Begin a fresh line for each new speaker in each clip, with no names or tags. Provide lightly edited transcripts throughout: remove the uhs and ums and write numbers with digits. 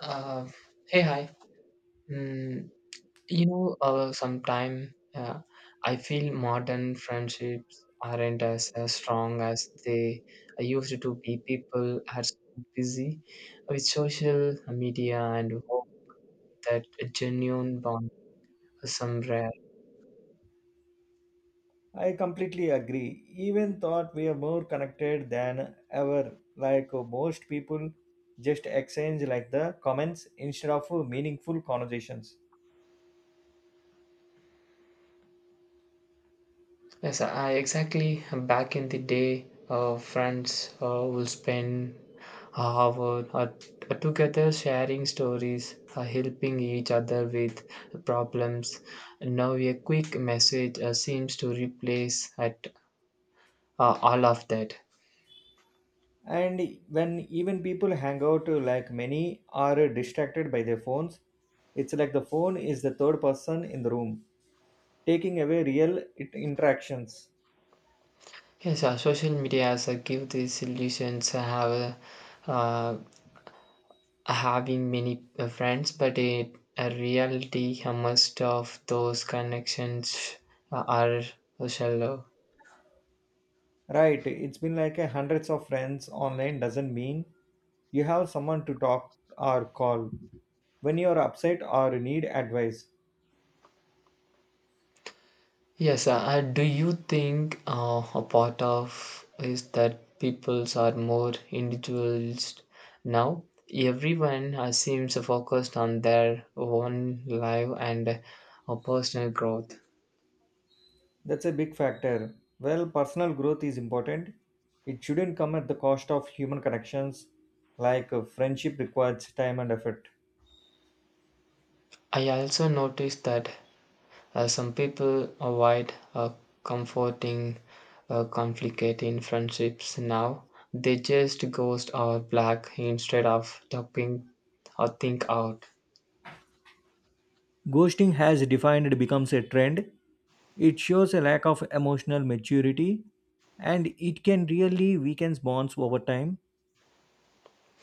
Uh, Hey, hi. Mm, sometime I feel modern friendships aren't as strong as they used to be. People are so busy with social media and hope that a genuine bond is some rare.
I completely agree. Even thought we are more connected than ever. Most people just exchange like the comments instead of meaningful conversations.
Yes, I exactly back in the day, friends will spend hour together sharing stories, helping each other with problems. Now, a quick message seems to replace at all of that.
And when even people hang out, like many are distracted by their phones. It's like the phone is the third person in the room, taking away real interactions.
Yes, social media has give these solutions have uh, having many friends, but in a reality most of those connections are shallow.
Right, it's been like a hundreds of friends online doesn't mean you have someone to talk or call when you are upset or need advice.
Yes, do you think a part of is that peoples are more individualist now? Everyone seems focused on their own life and personal growth.
That's a big factor. Well, personal growth is important. It shouldn't come at the cost of human connections, friendship requires time and effort.
I also noticed that some people avoid comforting, conflicating friendships now. They just ghost or black instead of talking or think out.
Ghosting has defined it becomes a trend. It shows a lack of emotional maturity and it can really weaken bonds over time.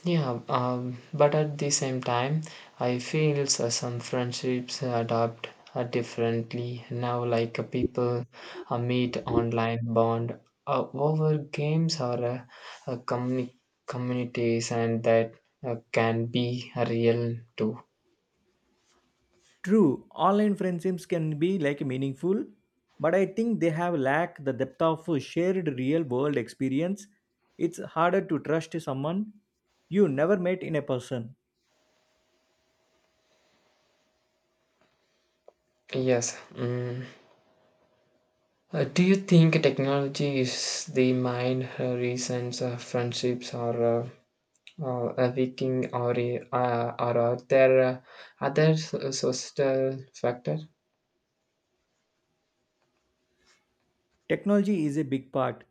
Yeah, but at the same time, I feel so some friendships adapt differently now. People meet online, bond over games or uh, communi- communities, and that can be real too.
True, online friendships can be like meaningful, but I think they have lack the depth of shared real world experience. It's harder to trust someone you never met in a person.
Yes. Mm. Do you think technology is the mind, reasons, friendships, or a weakening, or or are there other social factor?
Technology is a big part,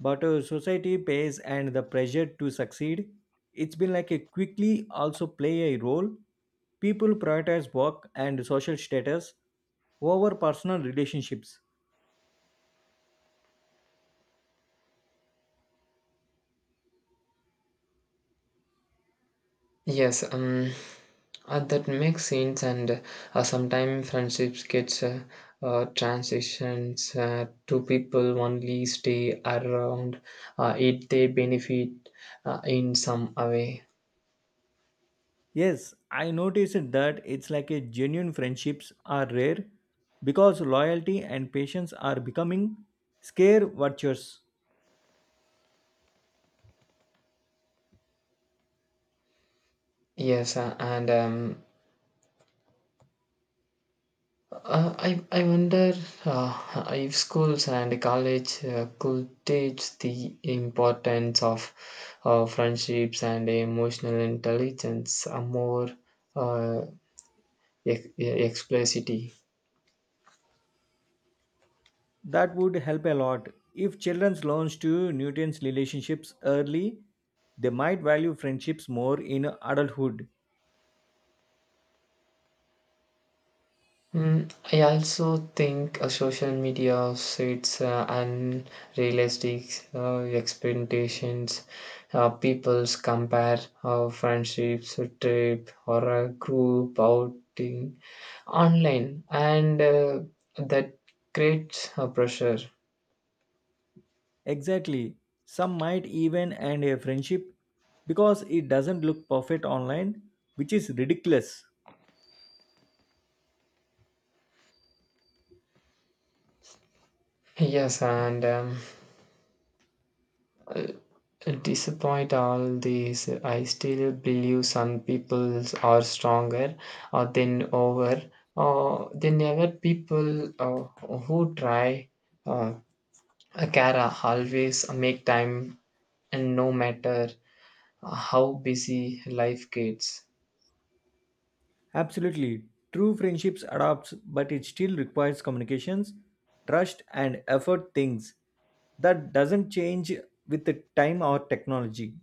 but society pays and the pressure to succeed. It's been like a quickly also play a role. People prioritize work and social status over personal relationships.
Yes. That makes sense, and sometimes friendships gets transitions to people only stay around if they benefit in some way.
Yes, I noticed that it's like a genuine friendships are rare because loyalty and patience are becoming scare virtues.
Yes, and I wonder if schools and college could teach the importance of friendships and emotional intelligence more uh, explicitly.
That would help a lot. If children learns to nutrients relationships early, they might value friendships more in adulthood.
I also think social media sets unrealistic expectations. People's compare friendships, a trip, or a group outing online, and that creates a pressure.
Exactly. Some might even end a friendship because it doesn't look perfect online, which is ridiculous.
Yes, and Despite all this, I still believe some people are stronger uh, than over than ever. People who try uh, Kara always make time, and no matter how busy life gets.
Absolutely. True friendships adapts, but it still requires communications, trust, and effort things that doesn't change with the time or technology.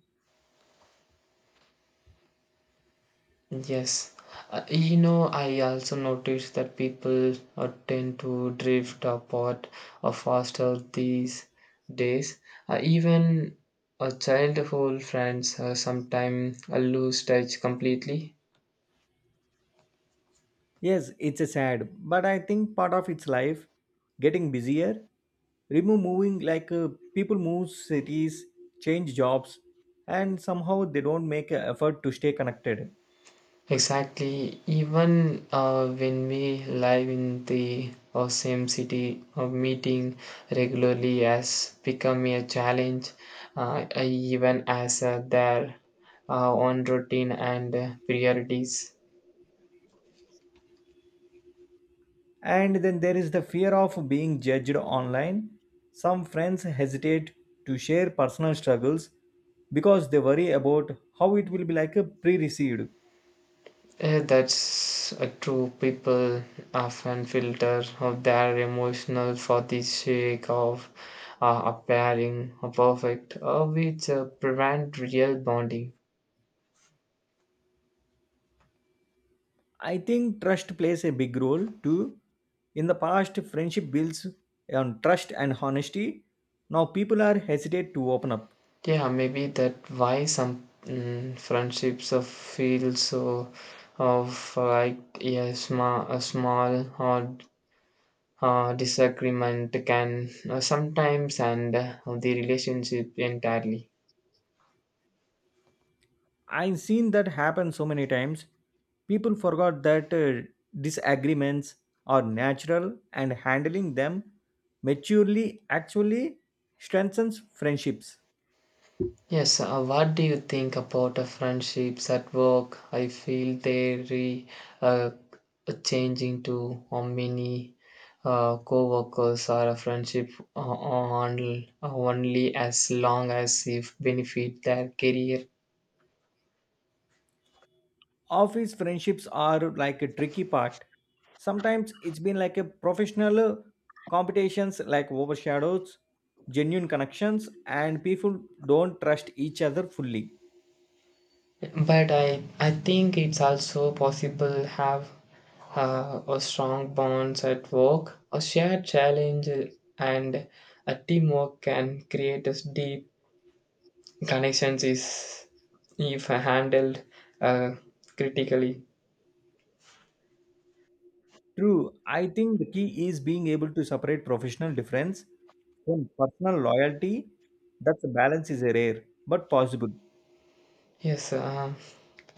Yes, I also noticed that people tend to drift apart faster these days. Even childhood friends sometimes lose touch completely.
Yes, it's a sad, but I think part of its life getting busier, remove moving people move cities, change jobs, and somehow they don't make an effort to stay connected.
Exactly. Even when we live in the same city, meeting regularly has become a challenge, even as their own routine and priorities.
And then there is the fear of being judged online. Some friends hesitate to share personal struggles because they worry about how it will be like a pre-received.
That's true. People often filter of their emotional for the sake of appearing perfect, which prevent real bonding.
I think trust plays a big role too. In the past, friendship builds on trust and honesty. Now people are hesitate to open up.
Yeah, maybe that why some friendships of feel so of like yeah, sma a small or disagreement can sometimes end the relationship entirely.
I've seen that happen so many times. People forgot that disagreements are natural and handling them maturely actually strengthens friendships.
Yes, what do you think about friendships at work? I feel they re uh, changing to how many co-workers are a friendship on only as long as if benefit their career.
Office friendships are like a tricky part. Sometimes it's been like a professional competitions like overshadows genuine connections and people don't trust each other fully.
But I think it's also possible have a strong bonds at work, a shared challenge, and a teamwork can create a deep connections is if handled uh, critically.
True. I think the key is being able to separate professional difference from personal loyalty. That's a balance is rare but possible.
yes uh,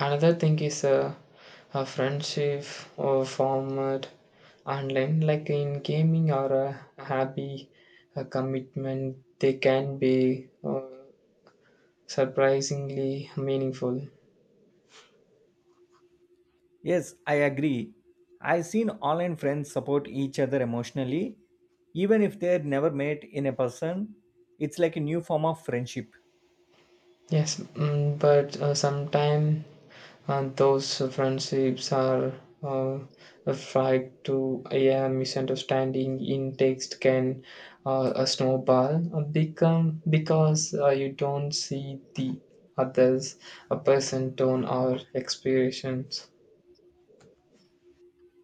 Another thing is a friendship or format online like in gaming or a hobby, a commitment they can be surprisingly meaningful.
Yes, I agree. I've seen online friends support each other emotionally, even if they're never met in a person. It's like a new form of friendship.
Yes, but sometimes those friendships are uh, fried to a misunderstanding in text can a snowball become because you don't see the others a person tone or expressions.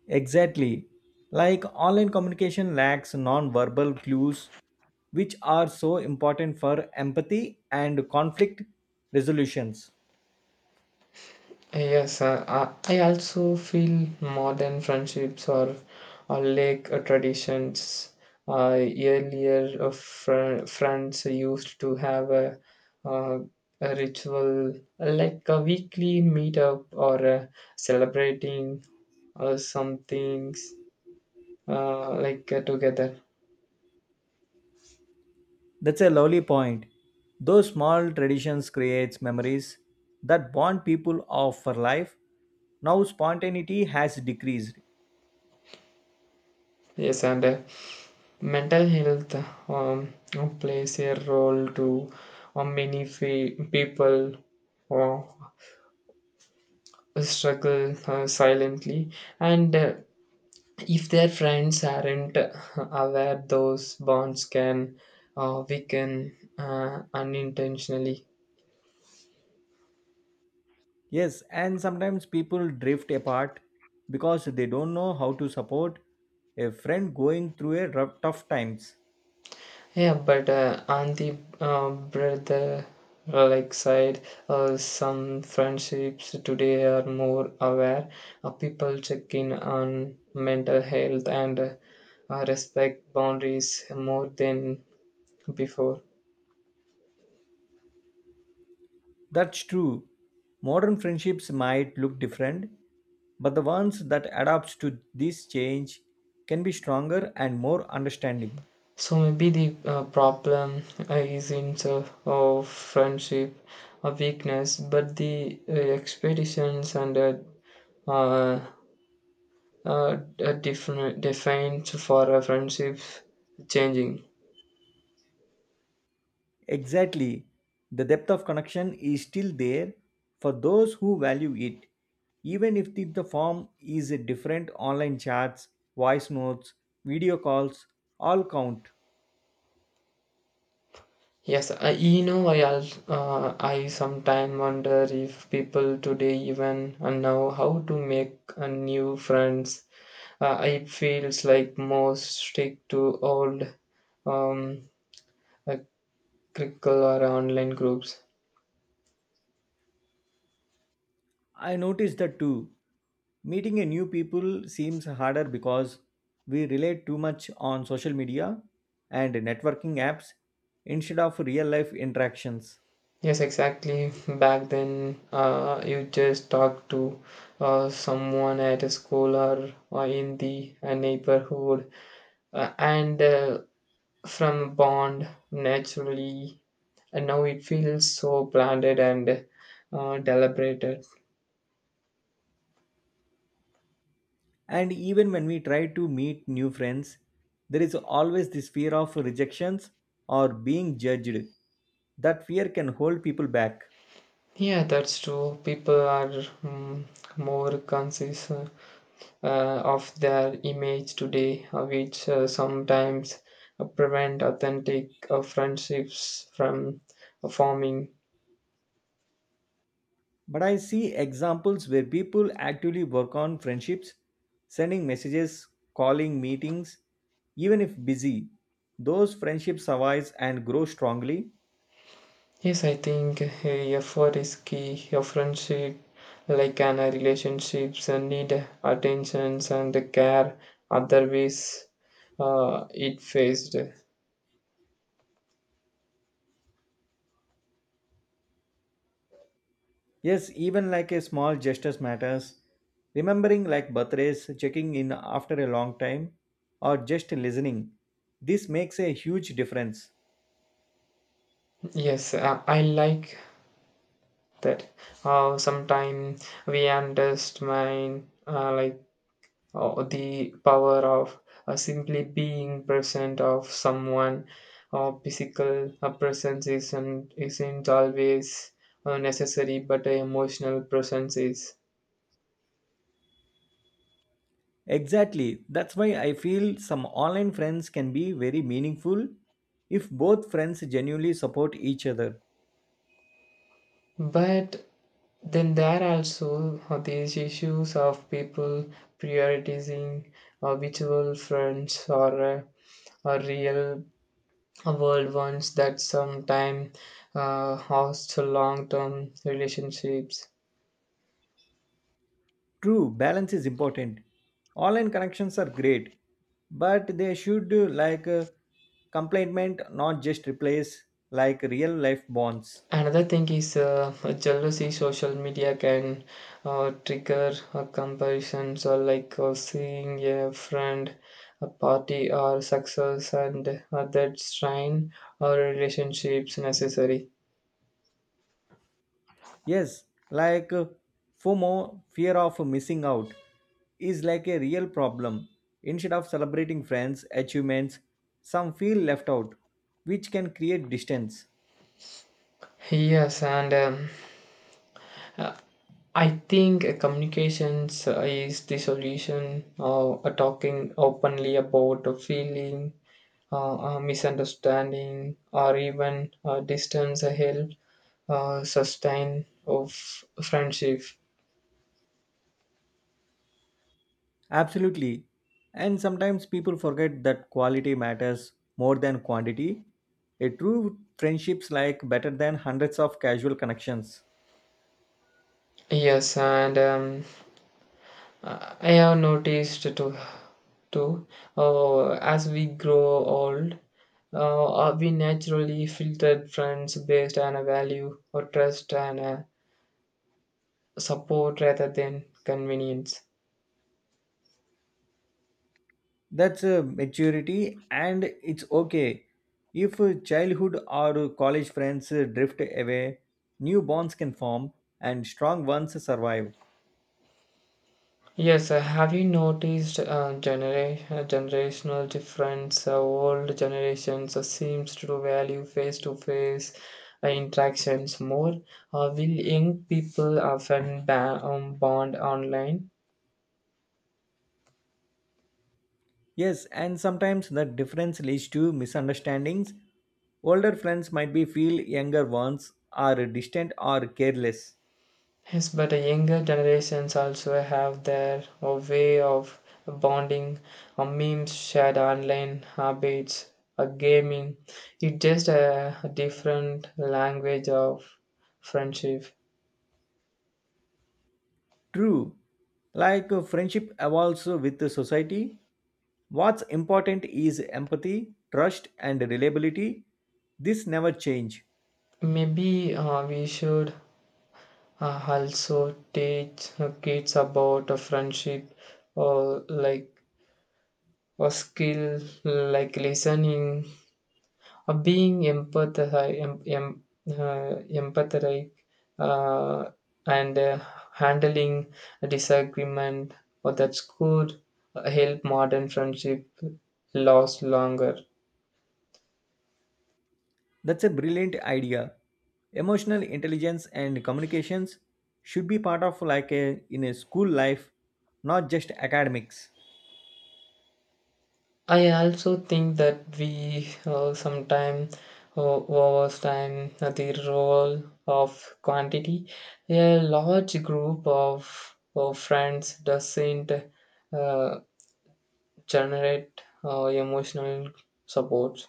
Exactly. Like online communication lacks non-verbal clues, which are so important for empathy and conflict resolutions.
Yes, I also feel modern friendships are traditions. Earlier, friends used to have uh, a ritual like a weekly meetup or celebrating some things together.
That's a lovely point. Those small traditions creates memories that bond people of for life. Now spontaneity has decreased.
Yes, and mental health um, plays a role to many people. Oh. Struggle silently and if their friends aren't aware those bonds can weaken unintentionally.
Yes, and sometimes people drift apart because they don't know how to support a friend going through a rough, tough times.
Yeah but uh, on the brother side some friendships today are more aware. People check in on mental health and respect boundaries more than before.
That's true. Modern friendships might look different, but the ones that adapts to this change can be stronger and more understanding.
So maybe the problem is in the of friendship, a weakness, but the expectations and uh, uh, different defined for a friendship changing.
Exactly. The depth of connection is still there for those who value it, even if the form is a different online chats, voice notes, video calls, all count.
Yes, I, you know, I al- I sometimes wonder if people today even know how to make a new friends. It feels like most stick to old um, uh, critical or online groups.
I noticed that too. Meeting a new people seems harder because we rely too much on social media and networking apps instead of real life interactions.
Yes, exactly. Back then, you just talk to someone at a school or in the neighborhood, and from bond naturally. And now it feels so branded and deliberated.
And even when we try to meet new friends, there is always this fear of rejections or being judged. That fear can hold people back.
Yeah, that's true. People are mm, more conscious uh, of their image today, which sometimes prevent authentic friendships from forming.
But I see examples where people actively work on friendships, sending messages, calling meetings, even if busy. Those friendships survive and grow strongly.
Yes, I think effort is key. A friendship, like an relationships, need attentions and care. Otherwise, it faced.
Yes, even like a small gestures matters. Remembering like birthdays, checking in after a long time, or just listening. This makes a huge difference.
Yes. I like that. Sometimes we underestimate the power of simply being present of someone. Physical presence isn't always necessary, but a emotional presence is.
Exactly. That's why I feel some online friends can be very meaningful if both friends genuinely support each other.
But then there are also these issues of people prioritizing virtual friends or real world ones that sometimes host long term relationships.
True, balance is important. Online connections are great, but they should complement, not just replace like real life bonds.
Another thing is jealousy. Social media can trigger a comparison. Seeing a friend, a party, or success, and that strain our relationships necessary.
Yes, FOMO, fear of missing out, is like a real problem. Instead of celebrating friends' achievements, some feel left out, which can create distance.
Yes, and uh, I think communications is the solution. Talking openly about a feeling, misunderstanding, or even distance help sustain of friendship.
Absolutely. And sometimes people forget that quality matters more than quantity. A true friendships like better than hundreds of casual connections.
Yes, and I have noticed too uh, as we grow old, we naturally filter friends based on a value or trust and support rather than convenience.
That's a maturity and it's okay if childhood or college friends drift away. New bonds can form and strong ones survive.
Yes, have you noticed generational difference? Old generations seems to value face-to-face interactions more. Will young people often bond online?
Yes, and sometimes that difference leads to misunderstandings. Older friends might be feel younger ones are distant or careless.
Yes, but the younger generations also have their way of bonding, memes, shared online habits, gaming. It's just a different language of friendship.
True, friendship evolves with the society. What's important is empathy, trust, and reliability. This never change.
Maybe we should also teach kids about a friendship or like a skill like listening or being empathetic uh, and handling a disagreement or that's could help modern friendship last longer.
That's a brilliant idea. Emotional intelligence and communications should be part of like a in a school life, not just academics.
I also think that we sometimes uh, overstand the role of quantity. A large group of friends doesn't uh, generate emotional support.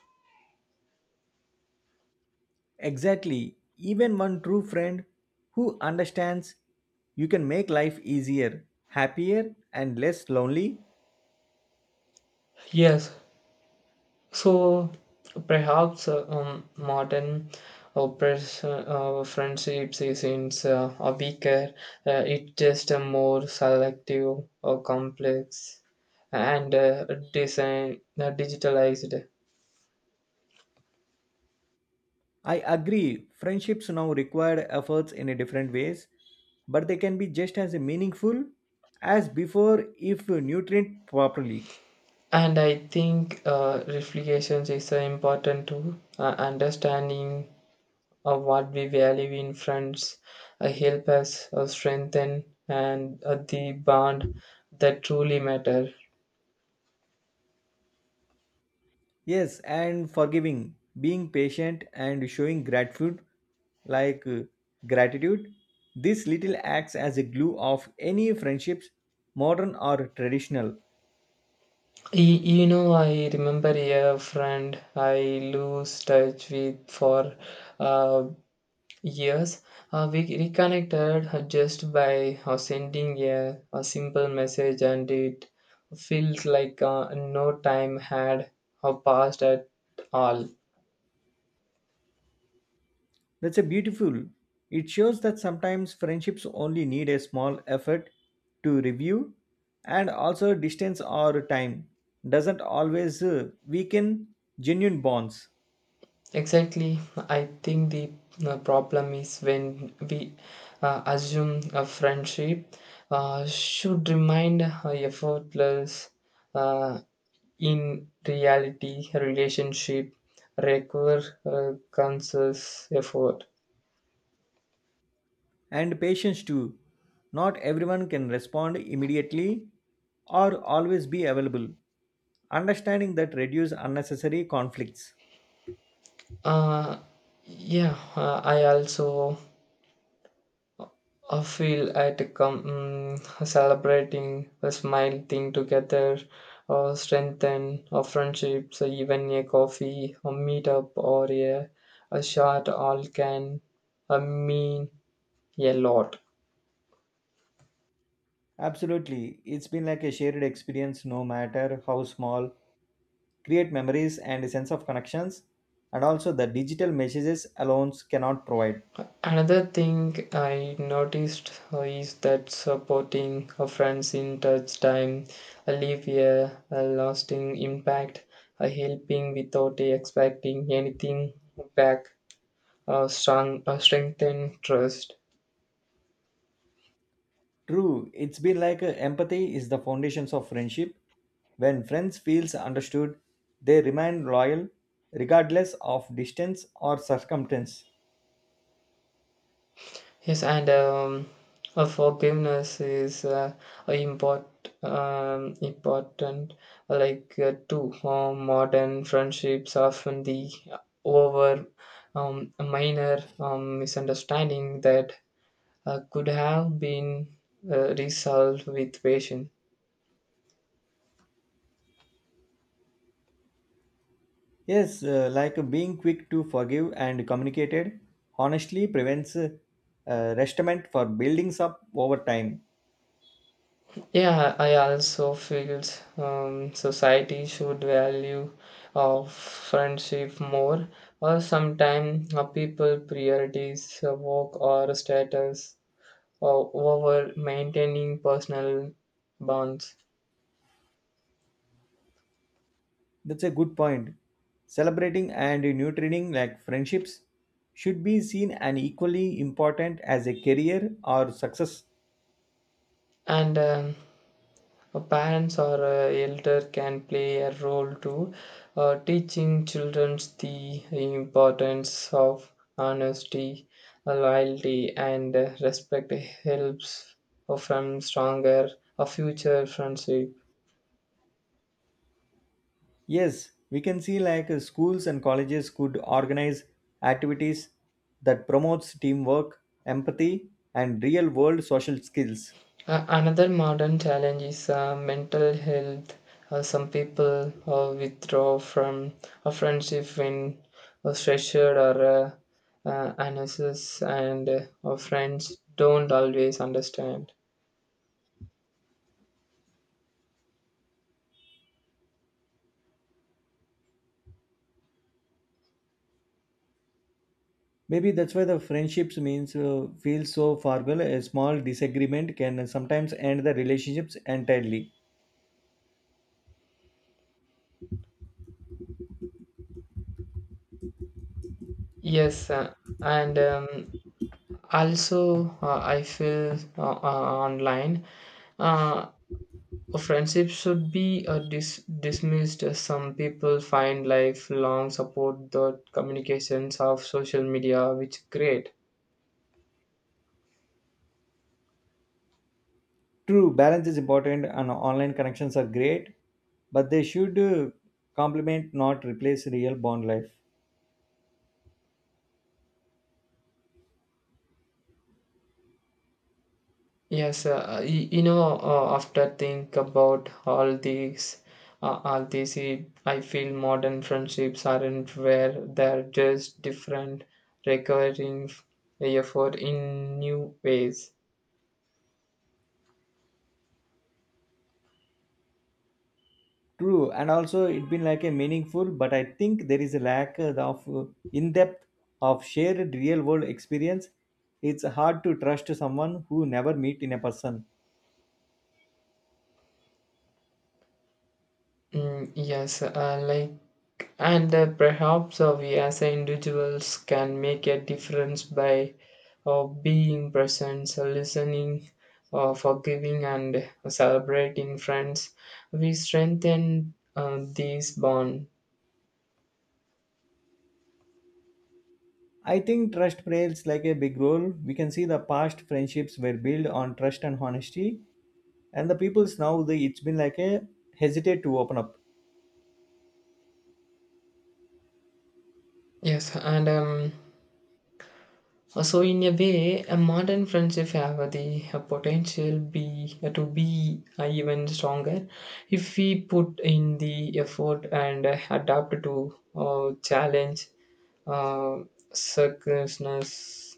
Exactly. Even one true friend who understands you can make life easier, happier and less lonely.
Yes, so perhaps modern oppress, friendships isn't a weaker, it's just a more selective or complex and design, digitalized.
I agree. Friendships now require efforts in a different ways, but they can be just as meaningful as before if nurtured properly.
And I think reflections is important too. Understanding of what we value in friends help us strengthen and the bond that truly matter.
Yes, and forgiving, being patient, and showing gratitude, like uh, gratitude, this little acts as a glue of any friendships, modern or traditional.
You know, I remember a friend I lose touch with for uh, years. We reconnected just by sending a simple message, and it feels like no time had passed at all.
That's a beautiful. It shows that sometimes friendships only need a small effort to review, and also distance or time doesn't always weaken genuine bonds.
Exactly, I think the problem is when we assume a friendship should remind effortless. Uh, In reality, relationship require conscious effort.
And patience too. Not everyone can respond immediately or always be available. Understanding that reduce unnecessary conflicts.
Uh, yeah, I also feel at celebrating a smile thing together or strengthen our friendships, or even a coffee, a meetup, or a shot all can mean a lot.
Absolutely. It's been like a shared experience no matter how small. Create memories and a sense of connections and also the digital messages alone cannot provide.
Another thing I noticed is that supporting a friends in touch time leave a lasting impact, helping without expecting anything back, strengthen trust.
True, it's been empathy is the foundations of friendship. When friends feels understood, they remain loyal regardless of distance or circumstance.
Yes, and Forgiveness is a import, important. Like to Modern friendships, often the over minor misunderstanding that could have been resolved with patience.
Yes, being quick to forgive and communicated honestly prevents resentment for buildings up over time.
Yeah, I also feel society should value of friendship more, or sometimes people priorities work or status over maintaining personal bonds.
That's a good point. Celebrating and nurturing like friendships should be seen and equally important as a career or success.
And Parents or elder can play a role too, teaching children the importance of honesty, loyalty, and respect helps from stronger a future friendship.
Yes, we can see schools and colleges could organize activities that promotes teamwork, empathy, and real-world social skills.
Another modern challenge is mental health. Some people withdraw from a friendship when stressed or anxious, and our friends don't always understand.
Maybe that's why the friendships means feel so formal. A small disagreement can sometimes end the relationships entirely.
Yes, and Also I feel online. Uh, Friendship should be dismissed. Some people find lifelong support the communications of social media, which create.
True, balance is important, and online connections are great, but they should complement, not replace, real bond life.
Yes. You know. After think about all all these, I feel modern friendships aren't where they're just different, recurring effort in new ways.
True, and also it been like a meaningful, but I think there is a lack of in depth of shared real world experience. It's hard to trust someone who never meet in a person.
Mm, yes, like, and Perhaps we as individuals can make a difference by being present, listening, forgiving, and celebrating friends. We strengthen these bonds.
I think trust plays like a big role. We can see the past friendships were built on trust and honesty, and the people's now they it's been like a hesitate to open up.
Yes, and So in a way, a modern friendship have the potential be to be even stronger if we put in the effort and adapt to challenge uh, circumstances.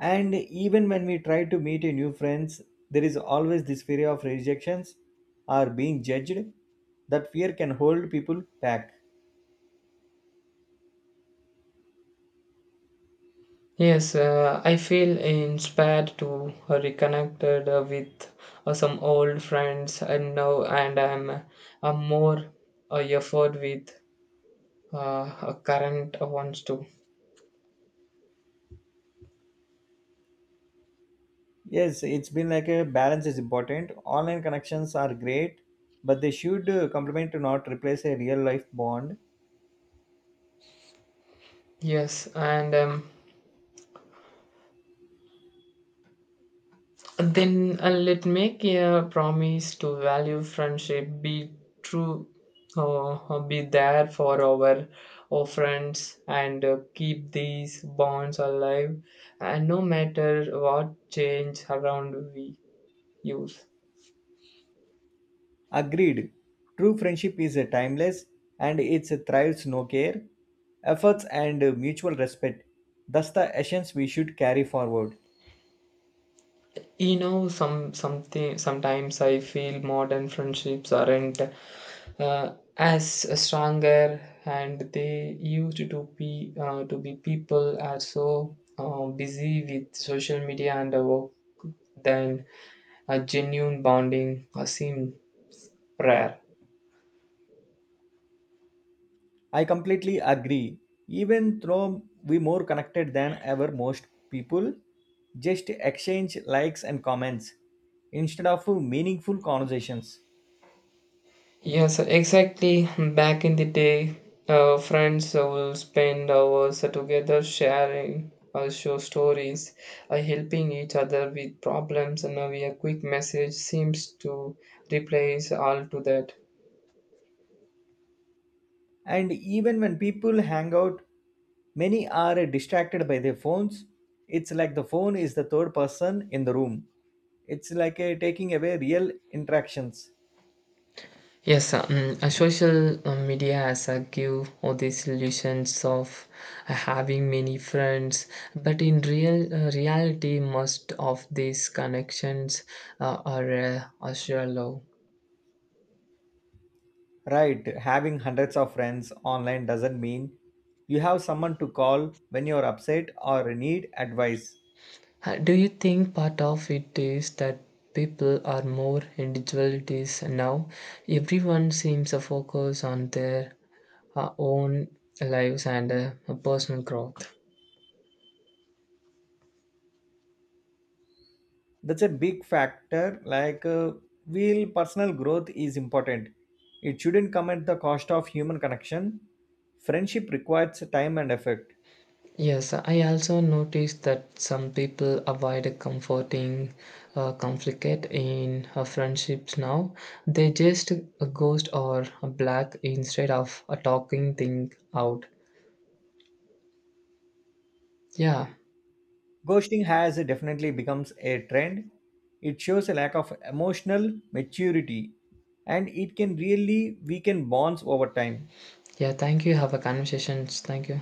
And even when we try to meet a new friends, there is always this fear of rejections or being judged. That fear can hold people back.
Yes, I feel inspired to reconnected with some old friends and now, and I'm more effort with current ones too.
Yes, it's been like a balance is important. Online connections are great, but they should complement to not replace a real life bond.
Yes, and Then let make a promise to value friendship, be true, be there for our friends, and keep these bonds alive. And no matter what change around we use,
Agreed. True friendship is timeless and it thrives no care, efforts and mutual respect. That's the essence we should carry forward.
sometimes I feel modern friendships aren't as stronger and they used to be people are so busy with social media and the work then a genuine bonding seemed rare.
I completely agree. Even though we more connected than ever most people, just exchange likes and comments instead of meaningful conversations.
Yes, exactly, back in the day friends will spend hours together sharing show stories, helping each other with problems, and now a quick message seems to replace all to that.
And even when people hang out, many are distracted by their phones. It's like the phone is the third person in the room. It's like a taking away real interactions.
Yes, Social media has a give all these illusions of having many friends, but in reality, most of these connections are shallow.
Right, having hundreds of friends online doesn't mean you have someone to call when you're upset or need advice.
Do you think part of it is that people are more individualities now? Everyone seems to focus on their own lives and personal growth.
That's a big factor. Real personal growth is important. It shouldn't come at the cost of human connection. Friendship requires time and effort.
Yes, I also noticed that some people avoid comforting conflict in friendships now. They just ghost or black instead of talking thing out. Yeah,
Ghosting has definitely becomes a trend. It shows a lack of emotional maturity and it can really weaken bonds over time.
yeah. Thank you. Have a conversations. Thank you.